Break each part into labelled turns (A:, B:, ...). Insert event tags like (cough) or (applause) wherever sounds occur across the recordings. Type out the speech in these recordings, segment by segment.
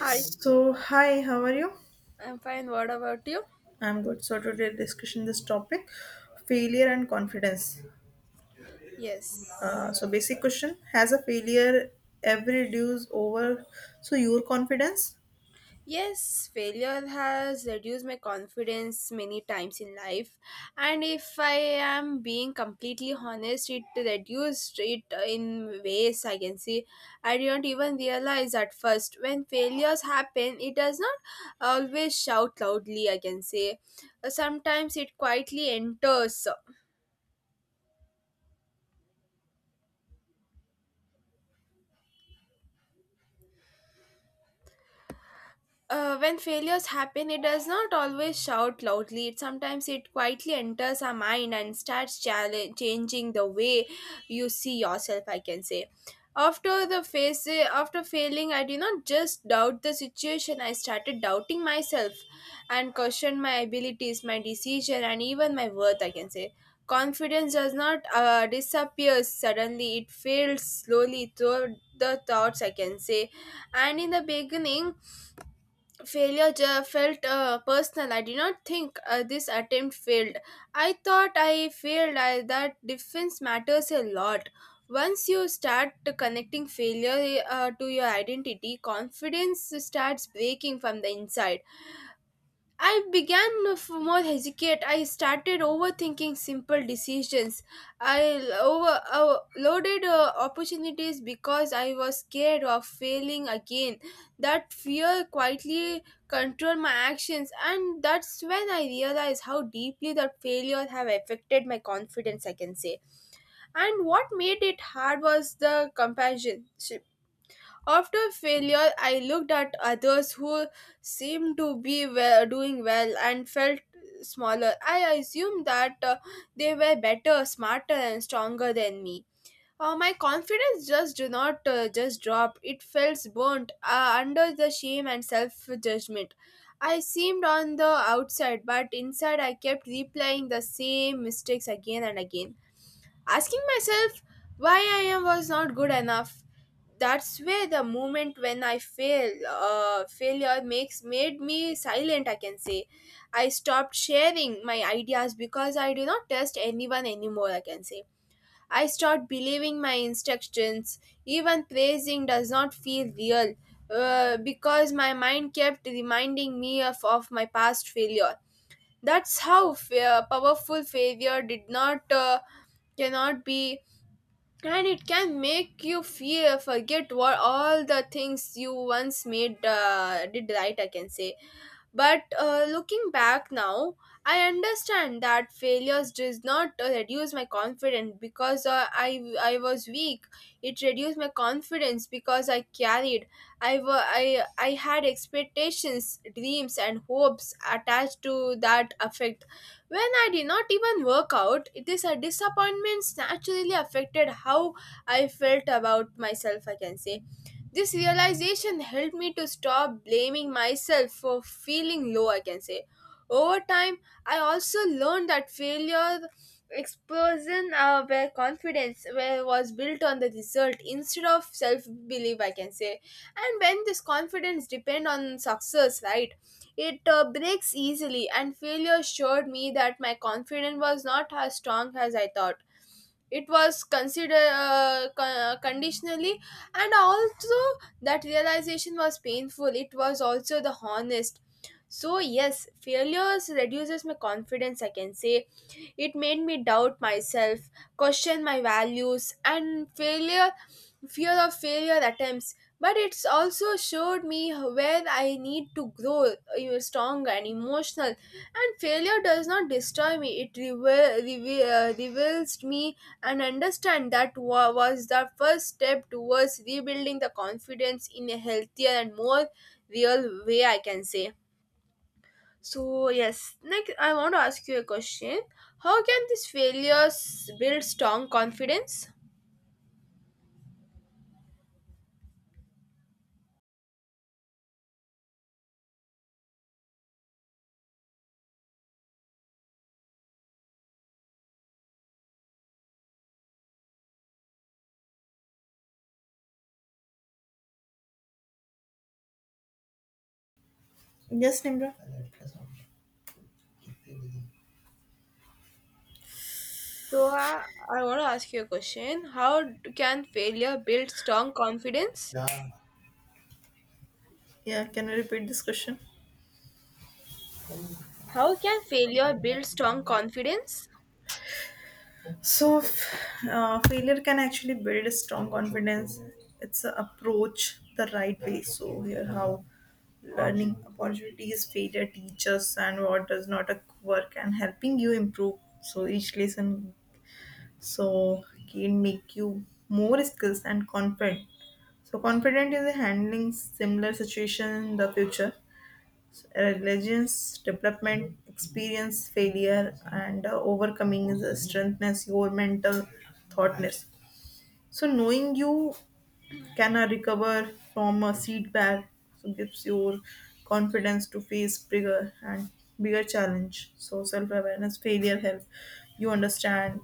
A: Hi,
B: hi, how are you?
A: I'm fine. What about you?
B: I'm good. So, today discussion this topic, failure and confidence.
A: Yes.
B: Basic question: Has a failure ever reduced over so your confidence?
A: Yes, failure has reduced my confidence many times in life. And if I am being completely honest, it reduced it in ways I can see. I didn't even realize at first. When failures happen, it does not always shout loudly, I can say. Sometimes it quietly enters when failures happen, it does not always shout loudly. It sometimes it quietly enters our mind and starts changing the way you see yourself. I can say, after after failing, I did not just doubt the situation. I started doubting myself, and questioned my abilities, my decision, and even my worth. I can say. Confidence does not disappear suddenly. It fades slowly through the thoughts, I can say. And in the beginning, felt personal. I did not think this attempt failed. I thought I failed. I, that difference matters a lot. Once you start connecting failure to your identity, confidence starts breaking from the inside. I began of more hesitate. I started overthinking simple decisions. I overloaded opportunities because I was scared of failing again. That fear quietly controlled my actions, and that's when I realized how deeply the failure have affected my confidence. I can say, and what made it hard was the comparison. After failure, I looked at others who seemed to be well, doing well and felt smaller. I assumed that they were better, smarter, and stronger than me. My confidence just did not just dropped. It felt burnt under the shame and self judgment. I seemed on the outside, but inside I kept replaying the same mistakes again and again asking myself why I am was not good enough. That's where the moment when failure makes made me silent. I can say, I stopped sharing my ideas because I do not trust anyone anymore. I can say, I stopped believing my instructions. Even praising does not feel real. Because my mind kept reminding me of my past failure. That's how powerful failure did not cannot be and it can make you feel forget what all the things you once made did right, I can say. But looking back now, I understand that failures does not reduce my confidence because I was weak. It reduced my confidence because I carried I, wa- I had expectations, dreams, and hopes attached to that effect. When I did not even work out, this disappointments naturally affected how I felt about myself. I can say this realization helped me to stop blaming myself for feeling low, I can say. Over time, I also learned that failure explosion where confidence where was built on the result instead of self-belief, I can say. And when this confidence depend on success, right, it breaks easily, and failure showed me that my confidence was not as strong as I thought. It was considered conditionally, and also that realization was painful. It was also the honest. So yes, failures reduces my confidence, I can say. It made me doubt myself, question my values, and failure fear of failure attempts. But it's also showed me where I need to grow stronger and emotional. And failure does not destroy me. It reveals me, and understand that was the first step towards rebuilding the confidence in a healthier and more real way, I can say. So yes, next I want to ask you a question. How can these failures build strong confidence?
B: Yes, Nimra.
A: So I want to ask you a question. How can failure build strong confidence?
B: Yeah, can you repeat this question?
A: How can failure build strong confidence?
B: Failure can actually build a strong confidence. It's a approach the right way. So, here how learning opportunities, failure teachers, and what does not work, and helping you improve. So, each lesson so can make you more skills and confident so confident is handling similar situation in the future resilience development experience failure and overcoming is a strengthness your mental thoughtness so knowing you can recover from a setback so gives your confidence to face bigger and bigger challenge so self-awareness failure help you understand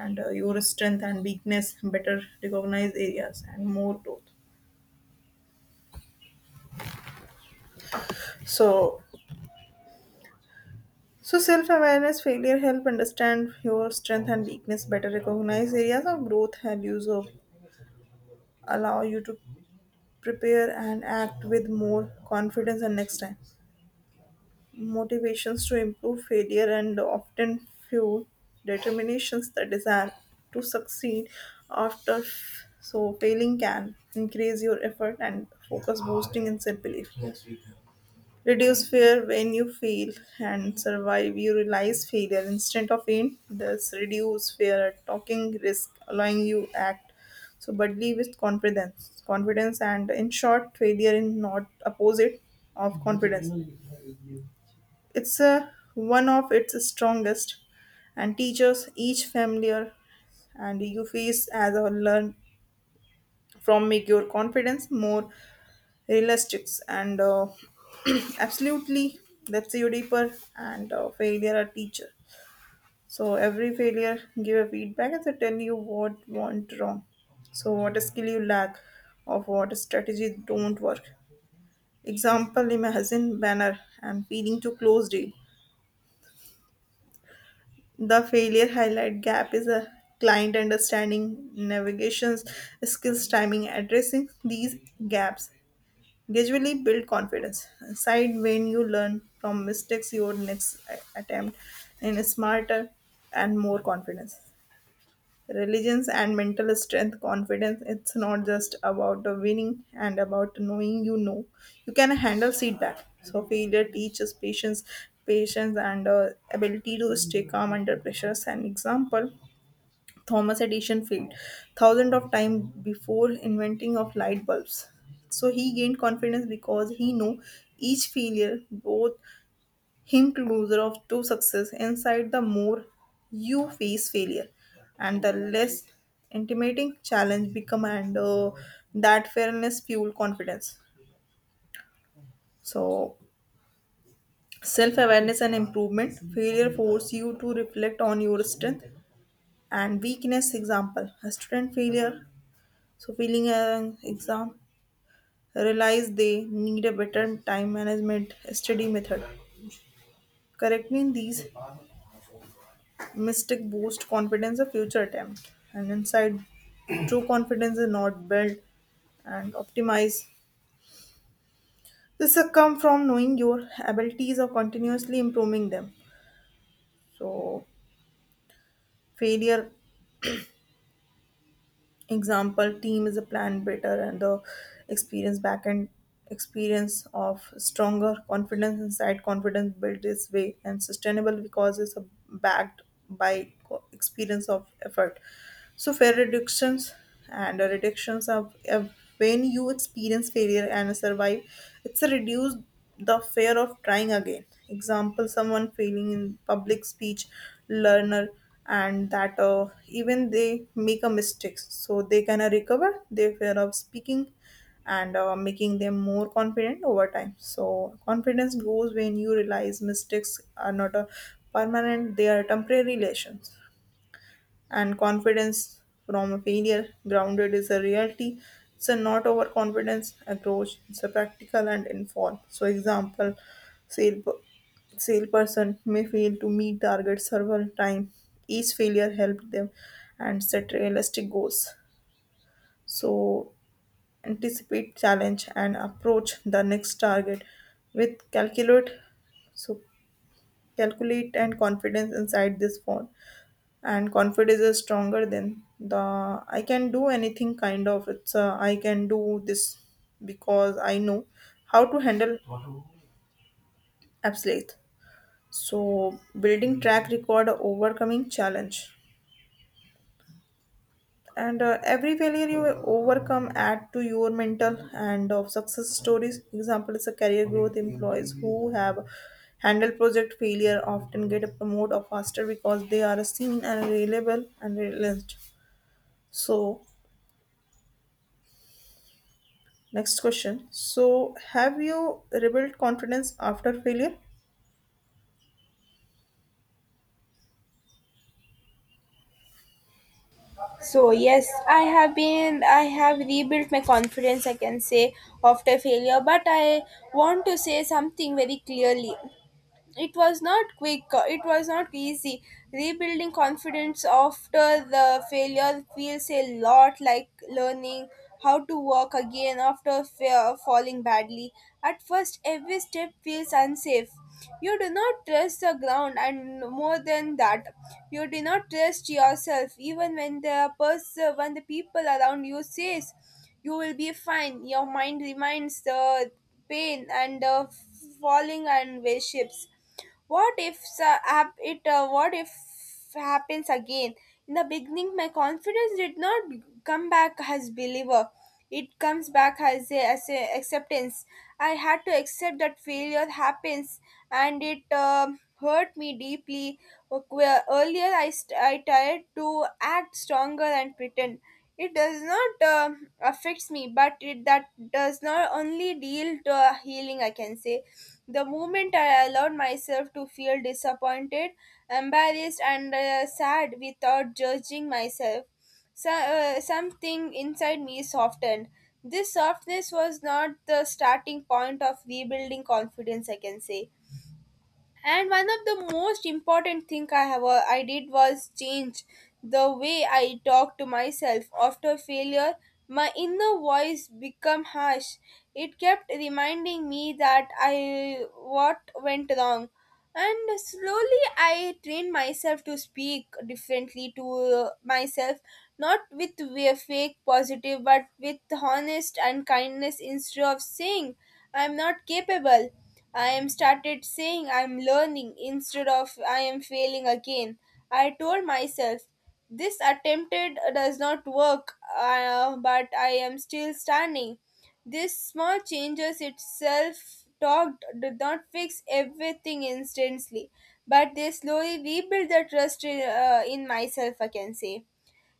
B: and your strength and weakness better recognize areas and more growth so so self-awareness failure help understand your strength and weakness better recognize areas of growth and use of allow you to prepare and act with more confidence and next time motivations to improve failure and often fuel determinations the desire to succeed so failing can increase your effort and focus boosting and self-belief. Reduce fear when you fail and survive. You realize failure instead of aim. Thus, reduce fear at talking risk, allowing you act. So, but leave with confidence, and in short, failure in not opposite of confidence. It's a, one of its strongest, and teaches each familiar, and you face as a learn from make your confidence more realistics and (clears throat) absolutely that's you deeper and failure a teacher so every failure give a feedback and they tell you what went wrong so what skill you lack or what a strategy don't work. Example: imagine banner and feeling to close deal, the failure highlight gap is a client understanding, navigations skills, timing. Addressing these gaps gradually build confidence side. When you learn from mistakes your next attempt in a smarter and more confidence religions and mental strength. Confidence it's not just about the winning and about knowing you know you can handle feedback. So failure teaches patience and ability to stay calm under pressures. And example: Thomas Edison failed thousands of times before inventing of light bulbs. So he gained confidence because he knew each failure brought him closer of to success. Inside the more you face failure, and the less intimidating challenge become, and that fairness fuel confidence. So self awareness and improvement. Failure force you to reflect on your strength and weakness. Example: a student failure. So feeling an exam, realize they need a better time management study method. Correcting these mistake boost confidence of future attempt, and inside true confidence is not built and optimized. This will come from knowing your abilities or continuously improving them. So failure. Example: team is a plan better and the experience backend experience of stronger confidence inside confidence built this way and sustainable because it's a backed by experience of effort. So fair reductions and reductions of when you experience failure and survive, it's a reduce the fear of trying again. Example: someone failing in public speech, learner and that even they make a mistake so they can recover their fear of speaking and making them more confident over time. So confidence grows when you realize mistakes are not a permanent, they are temporary relations, and confidence from a failure. Grounded is a reality. It's a not overconfidence approach. It's a practical and informed. So, example, sale salesperson may fail to meet target several times. Each failure helped them and set realistic goals. So, anticipate challenge and approach the next target with calculate so calculate and confidence inside this form, and confidence is stronger than the I can do anything kind of. It's I can do this because I know how to handle absolute. So building track record overcoming challenge and every failure you overcome add to your mental and of success stories. Example is a career growth: employees who have handled project failure often get a promote or faster because they are seen and reliable and realized. So next question. So, have you rebuilt confidence after failure?
A: So yes, I have rebuilt my confidence, I can say, after failure, but I want to say something very clearly. It was not quick, it was not easy. Rebuilding confidence after the failure feels a lot like learning how to walk again after falling badly. At first, every step feels unsafe. You do not trust the ground, and more than that, you do not trust yourself. Even when the people around you says you will be fine, your mind reminds the pain and the falling and worships. What if hap- it? What if happens again? In the beginning, my confidence did not come back as believer. It comes back as a acceptance. I had to accept that failure happens, and it hurt me deeply. Where Earlier, I tried to act stronger and pretend. It does not affects me, but it that does not only deal to a healing, I can say. The moment I allowed myself to feel disappointed, embarrassed, and sad without judging myself, something inside me softened. This softness was not the starting point of rebuilding confidence, I can say. And one of the most important thing I did was change the way I talk to myself after failure. My inner voice became harsh. It kept reminding me that I what went wrong. And slowly I trained myself to speak differently to myself, not with a fake positive, but with honest and kindness. Instead of saying I'm not capable, I am started saying I'm learning. Instead of I am failing again, I told myself this attempted does not work, but I am still standing. This small changes itself talked did not fix everything instantly, but they slowly rebuild the trust in myself, I can say.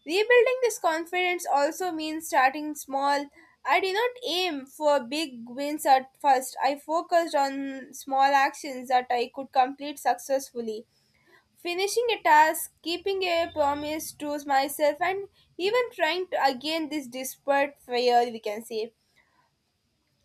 A: Rebuilding this confidence also means starting small. I did not aim for big wins at first. I focused on small actions that I could complete successfully. Finishing a task, keeping a promise to myself, and even trying to again this despite fear, we can say.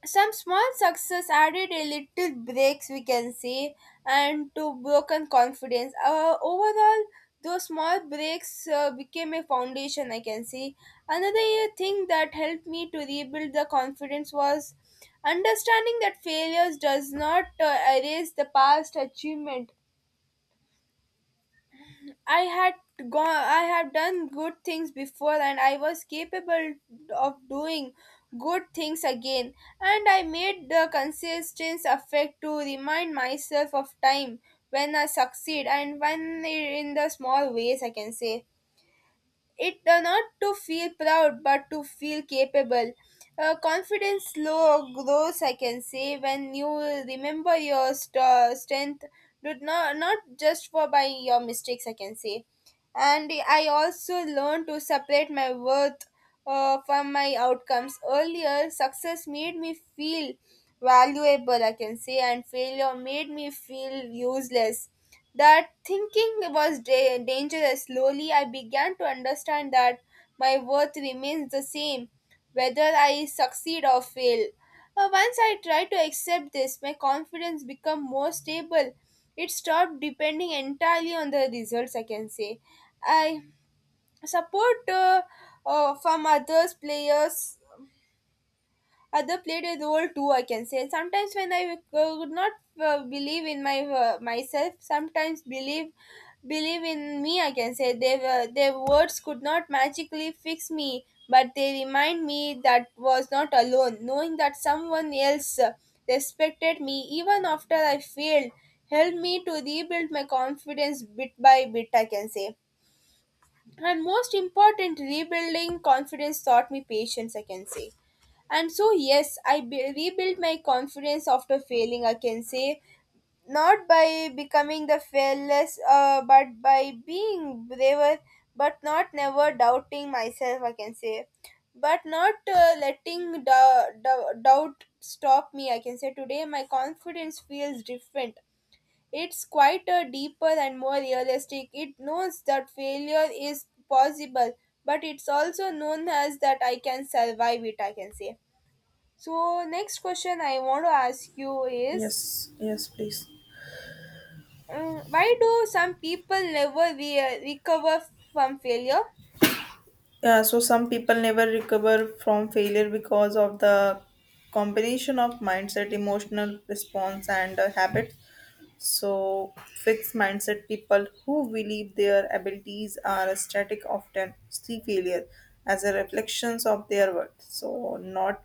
A: Some small success added a little breaks, we can say, and to broken confidence overall. Those small breaks became a foundation, I can say. Another thing that helped me to rebuild the confidence was understanding that failures does not erase the past achievement. I had gone I have done good things before, and I was capable of doing good things again. And I made the consistent effort to remind myself of time when I succeed and when in the small ways, I can say. It not to feel proud, but to feel capable. Confidence slow grows, I can say, when you remember your strength did not not just for by your mistakes, I can say. And I also learned to separate my worth from my outcomes. Earlier success made me feel valuable, I can say, and failure made me feel useless. That thinking was dangerous. Slowly, I began to understand that my worth remains the same, whether I succeed or fail. Once I tried to accept this, my confidence became more stable. It stopped depending entirely on the results, I can say. I support from others players Other played a role too, I can say. Sometimes when I could not believe in my myself, sometimes believe in me, I can say. They were, their words could not magically fix me, but they remind me that was not alone. Knowing that someone else respected me even after I failed helped me to rebuild my confidence bit by bit, I can say. And most important, rebuilding confidence taught me patience, I can say. And so yes, rebuilt my confidence after failing, I can say, not by becoming the fearless but by being braver, but not never doubting myself, I can say, but not letting doubt stop me, I can say. Today my confidence feels different. It's quite a deeper and more realistic. It knows that failure is possible, but it's also known as that I can survive it, I can say. So, next question I want to ask you is
B: Yes, yes, please.
A: why do some people never recover from failure?
B: Yeah, so some people never recover from failure because of the combination of mindset, emotional response, and habits. So, fixed mindset: people who believe their abilities are static often see failure as a reflections of their worth. So, not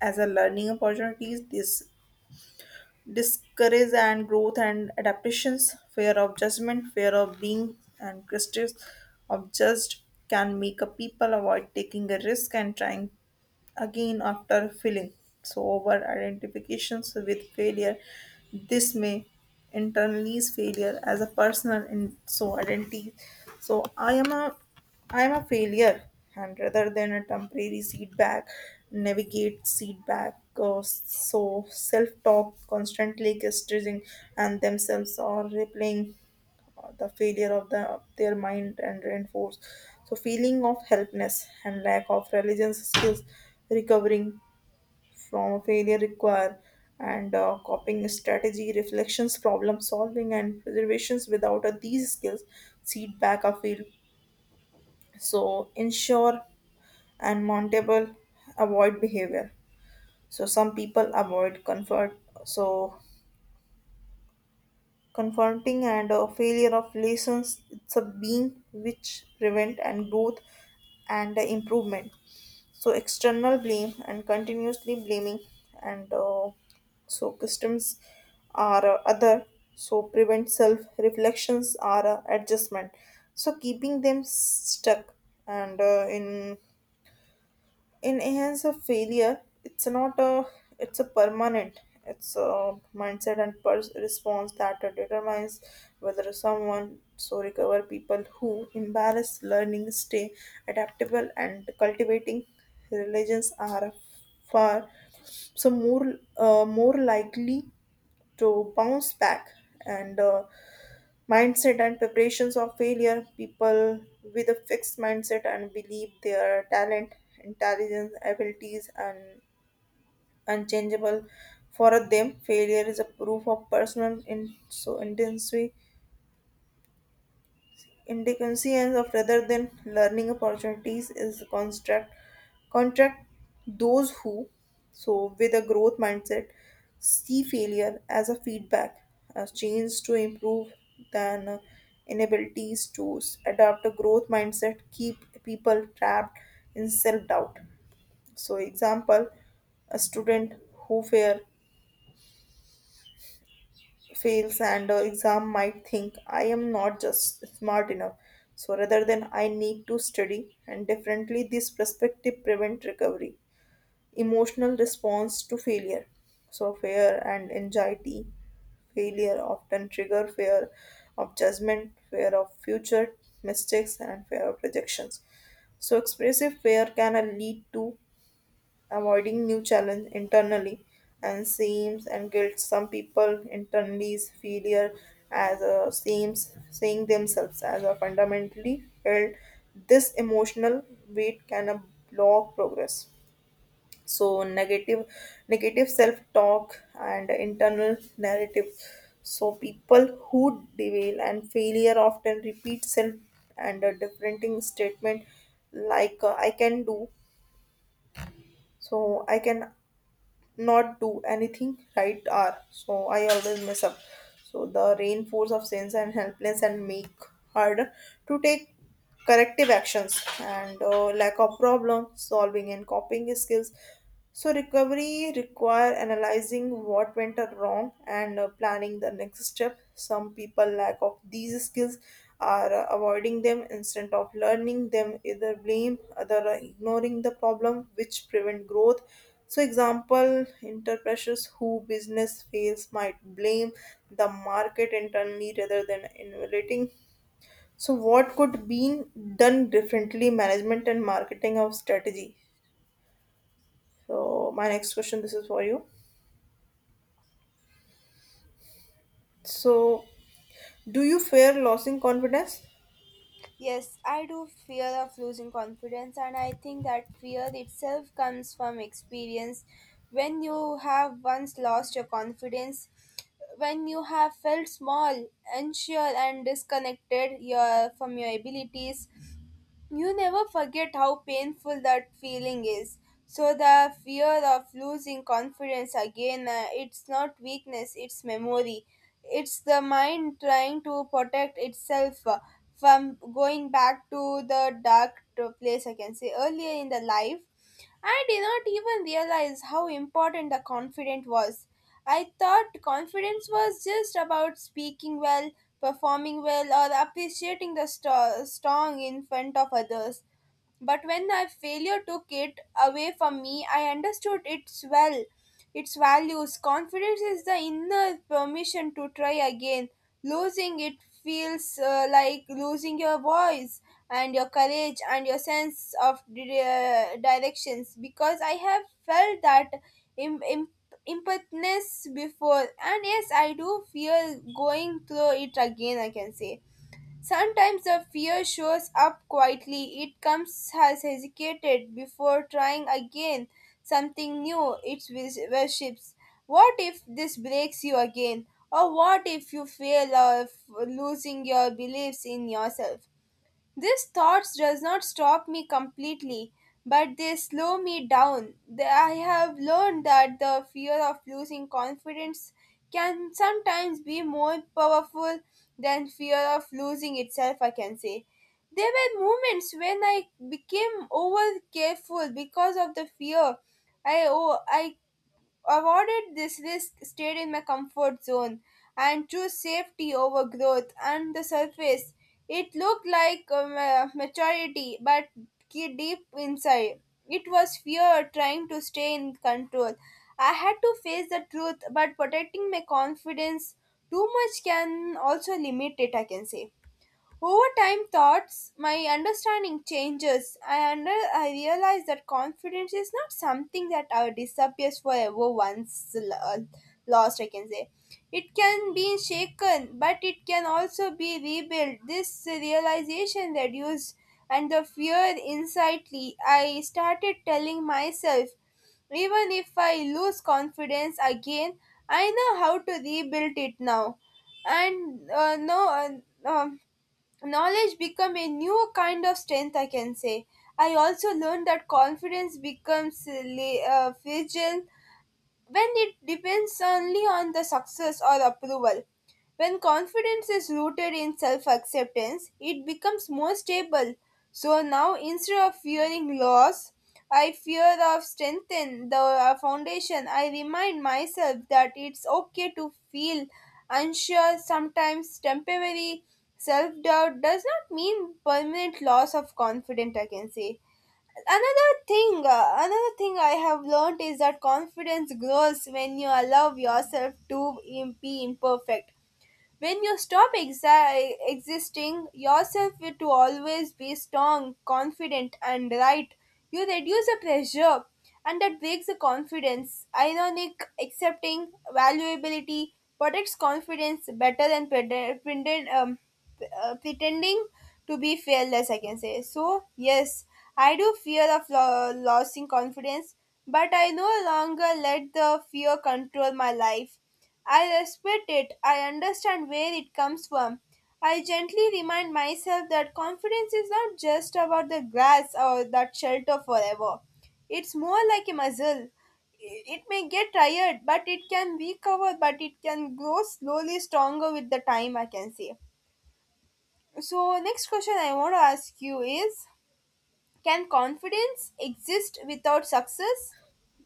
B: as a learning opportunities. This discourage and growth and adaptations, fear of judgment, fear of being and critics of judged can make a people avoid taking a risk and trying again after failing. So, over identifications with failure, this may internalize failure as a personal and so identity. So, I am a failure, and rather than a temporary setback, navigate setback. So self-talk constantly criticizing and themselves or replaying the failure of the their mind and reinforce so feeling of helplessness and lack of resilience skills. Recovering from a failure require and coping strategy, reflections, problem solving, and preservations. Without these skills seed back a field, so ensure and mountable avoid behavior. So some people avoid comfort, so confronting and a failure of lessons it's a being which prevent and growth and improvement. So external blame and continuously blaming and so customs, are other so prevent self reflections are adjustment, so keeping them stuck and in a hands of failure. It's not a, it's a permanent. It's a mindset and response that determines whether someone so recover. People who embrace learning stay adaptable and cultivating religions are far so more more likely to bounce back, and mindset and preparations of failure. People with a fixed mindset and believe their talent, intelligence, abilities and unchangeable, for them failure is a proof of personal in so intensity. Indecence of rather than learning opportunities is construct contract. Those who so with a growth mindset see failure as a feedback, as change to improve, than inabilities to adopt a growth mindset keep people trapped in self doubt. So example, a student who fear fails and exam might think I am not just smart enough. So rather than I need to study and differently, this perspective prevent recovery. Emotional response to failure. So fear and anxiety. Failure often trigger fear of judgment, fear of future mistakes and fear of rejections. So expressive fear can lead to avoiding new challenge internally, and seems and guilt. Some people internalize failure as a seems, seeing themselves as a fundamentally held. This emotional weight can block progress. So negative self talk and internal narrative. So people who dwell and failure often repeat self and a different statement like I can do, so I can not do anything right, are so I always mess up. So the reinforce of sense and helpless and make harder to take corrective actions, and lack of problem solving and copying skills. So recovery require analyzing what went wrong, and planning the next step. Some people lack of these skills are avoiding them instead of learning them, either blame other ignoring the problem, which prevent growth. So, example, entrepreneurs who business fails might blame the market internally rather than innovating. So, what could be done differently? Management and marketing of strategy. So, my next question, this is for you. So, do you fear losing confidence?
A: Yes, I do fear of losing confidence, and I think that fear itself comes from experience. When you have once lost your confidence, when you have felt small, unsure, and disconnected your, from your abilities, you never forget how painful that feeling is. So the fear of losing confidence again, it's not weakness, it's memory. It's the mind trying to protect itself from going back to the dark to place, I can say. Earlier in the life, I did not even realize how important the confidence was. I thought confidence was just about speaking well, performing well, or appreciating the strong in front of others. But when a failure took it away from me, I understood its well, its values. Confidence is the inner permission to try again. Losing it feels like losing your voice and your courage and your sense of directions, because I have felt that Im- im- impotence before, and yes, I do fear going through it again, I can say. Sometimes the fear shows up quietly. It comes has hesitated before trying again something new. It worships. What if this breaks you again? Or what if you fail of losing your beliefs in yourself? These thoughts does not stop me completely, but they slow me down. I have learned that the fear of losing confidence can sometimes be more powerful than fear of losing itself, I can say. There were moments when I became over careful because of the fear. I avoided this risk, stayed in my comfort zone, and chose safety over growth. On the surface, it looked like maturity, but deep inside, it was fear trying to stay in control. I had to face the truth, but protecting my confidence too much can also limit it, I can say. Over time, my understanding changes. I realize that confidence is not something that disappears forever once lost, I can say. It can be shaken, but it can also be rebuilt. This realization reduced and the fear insightly. I started telling myself, even if I lose confidence again, I know how to rebuild it now, and no. Knowledge become a new kind of strength, I can say. I also learned that confidence becomes fragile when it depends only on the success or approval. When confidence is rooted in self acceptance, it becomes more stable. So now, instead of fearing loss, I fear of strengthen the foundation. I remind myself that it's okay to feel unsure. Sometimes temporary self doubt does not mean permanent loss of confidence, I can say. Another thing another thing I have learned is that confidence grows when you allow yourself to be imperfect. When you stop exa- existing yourself to always be strong, confident, and right, you reduce the pressure and that breaks the confidence. Ironic, accepting, valuability protects confidence better than pretending to be fearless, I can say. So, yes, I do fear of losing confidence, but I no longer let the fear control my life. I respect it. I understand where it comes from. I gently remind myself that confidence is not just about the grass or that shelter forever. It's more like a muscle. It may get tired, but it can recover, but it can grow slowly stronger with the time, I can say. So, next question I want to ask you is, can confidence exist without success?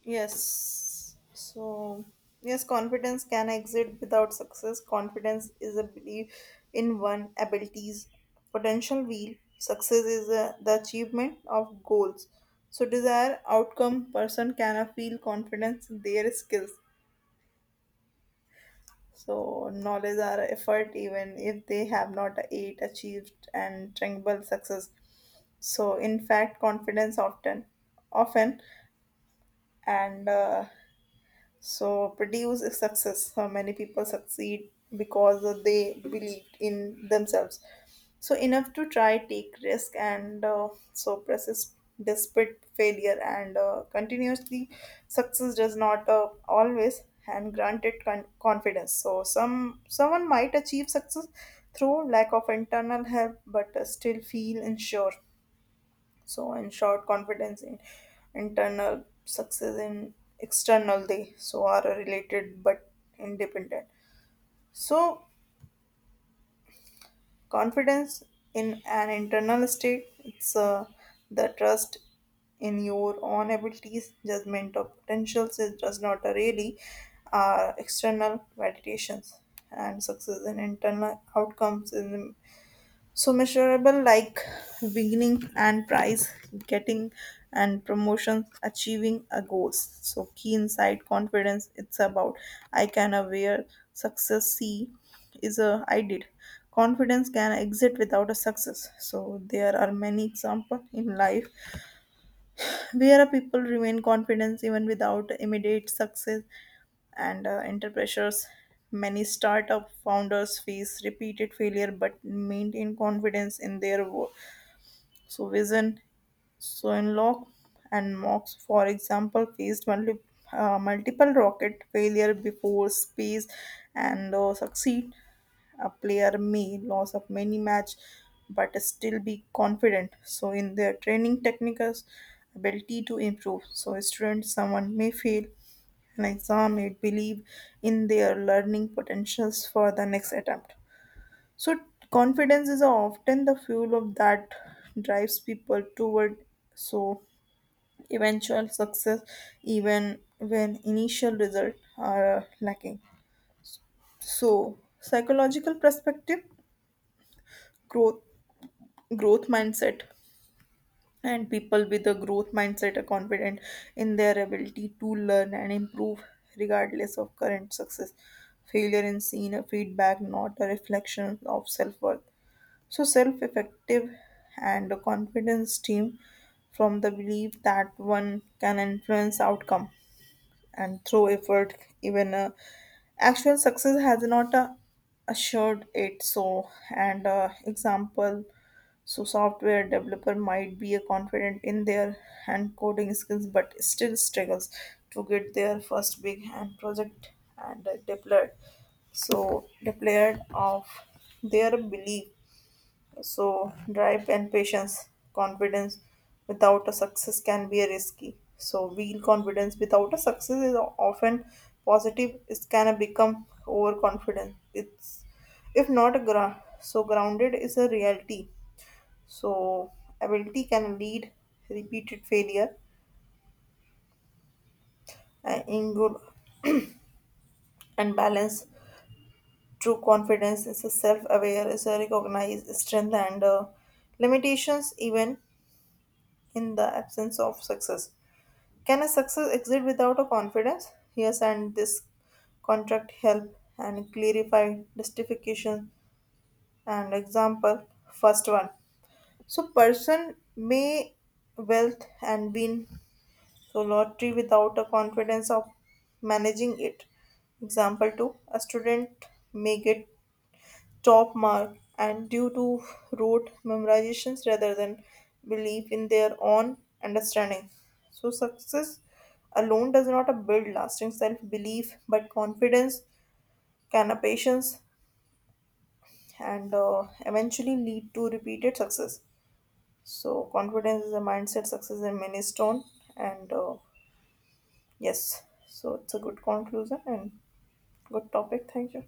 B: Yes. So, yes, confidence can exist without success. Confidence is a belief in one abilities, potential wheel. Success is the achievement of goals. So, desire outcome person can feel confidence in their skills. So, knowledge or effort, even if they have not yet achieved and tangible success. So, in fact, confidence often, often, and so produce is success. How many people succeed because of they believed in themselves so enough to try, take risk, and so process despite failure and continuously success does not always and granted confidence. So some someone might achieve success through lack of internal help but still feel unsure. So, in short, confidence in internal, success in external, they so are related but independent. So, confidence in an internal state, it's the trust in your own abilities, judgment of potentials. It does not really are external validations, and success in internal outcomes in so measurable like winning and prize, getting and promotions, achieving a goals. So key insight, confidence. It's about I can aware. Success. See is a I did. Confidence can exit without a success. So there are many example in life where a people remain confident even without immediate success and enter pressures. Many startup founders face repeated failure but maintain confidence in their work. So Vision, Soinlock, and Mox, for example, faced multiple rocket failure before space and succeed. A player may lose of many match but still be confident so in their training technicals ability to improve. So a student someone may fail an exam may believe in their learning potentials for the next attempt. So confidence is often the fuel of that drives people toward so eventual success even when initial results are lacking. So psychological perspective growth, growth mindset, and people with a growth mindset are confident in their ability to learn and improve regardless of current success. Failure is seen a feedback, not a reflection of self-worth. So self-effective and a confidence team from the belief that one can influence outcome and through effort, even actual success has not assured it. So and example, so software developer might be a confident in their hand coding skills but still struggles to get their first big hand project and deployed. So deployed of their belief, so drive and patience. Confidence without a success can be a risky. So, real confidence without a success is often positive. It can become overconfident. It's if not a so grounded is a reality. So, ability can lead repeated failure and in good and balance. True confidence is a self-aware, is a recognized strength and limitations even in the absence of success. Can a success exist without a confidence? Yes, and this contract help and clarify justification and example. First one. So person may wealth and win so lottery without a confidence of managing it. Example two. A student may get top mark and due to rote memorizations rather than belief in their own understanding. So, success alone does not build lasting self belief but confidence, can a patience, and eventually lead to repeated success. So, confidence is a mindset, success is a milestone, and yes, so it's a good conclusion and good topic. Thank you.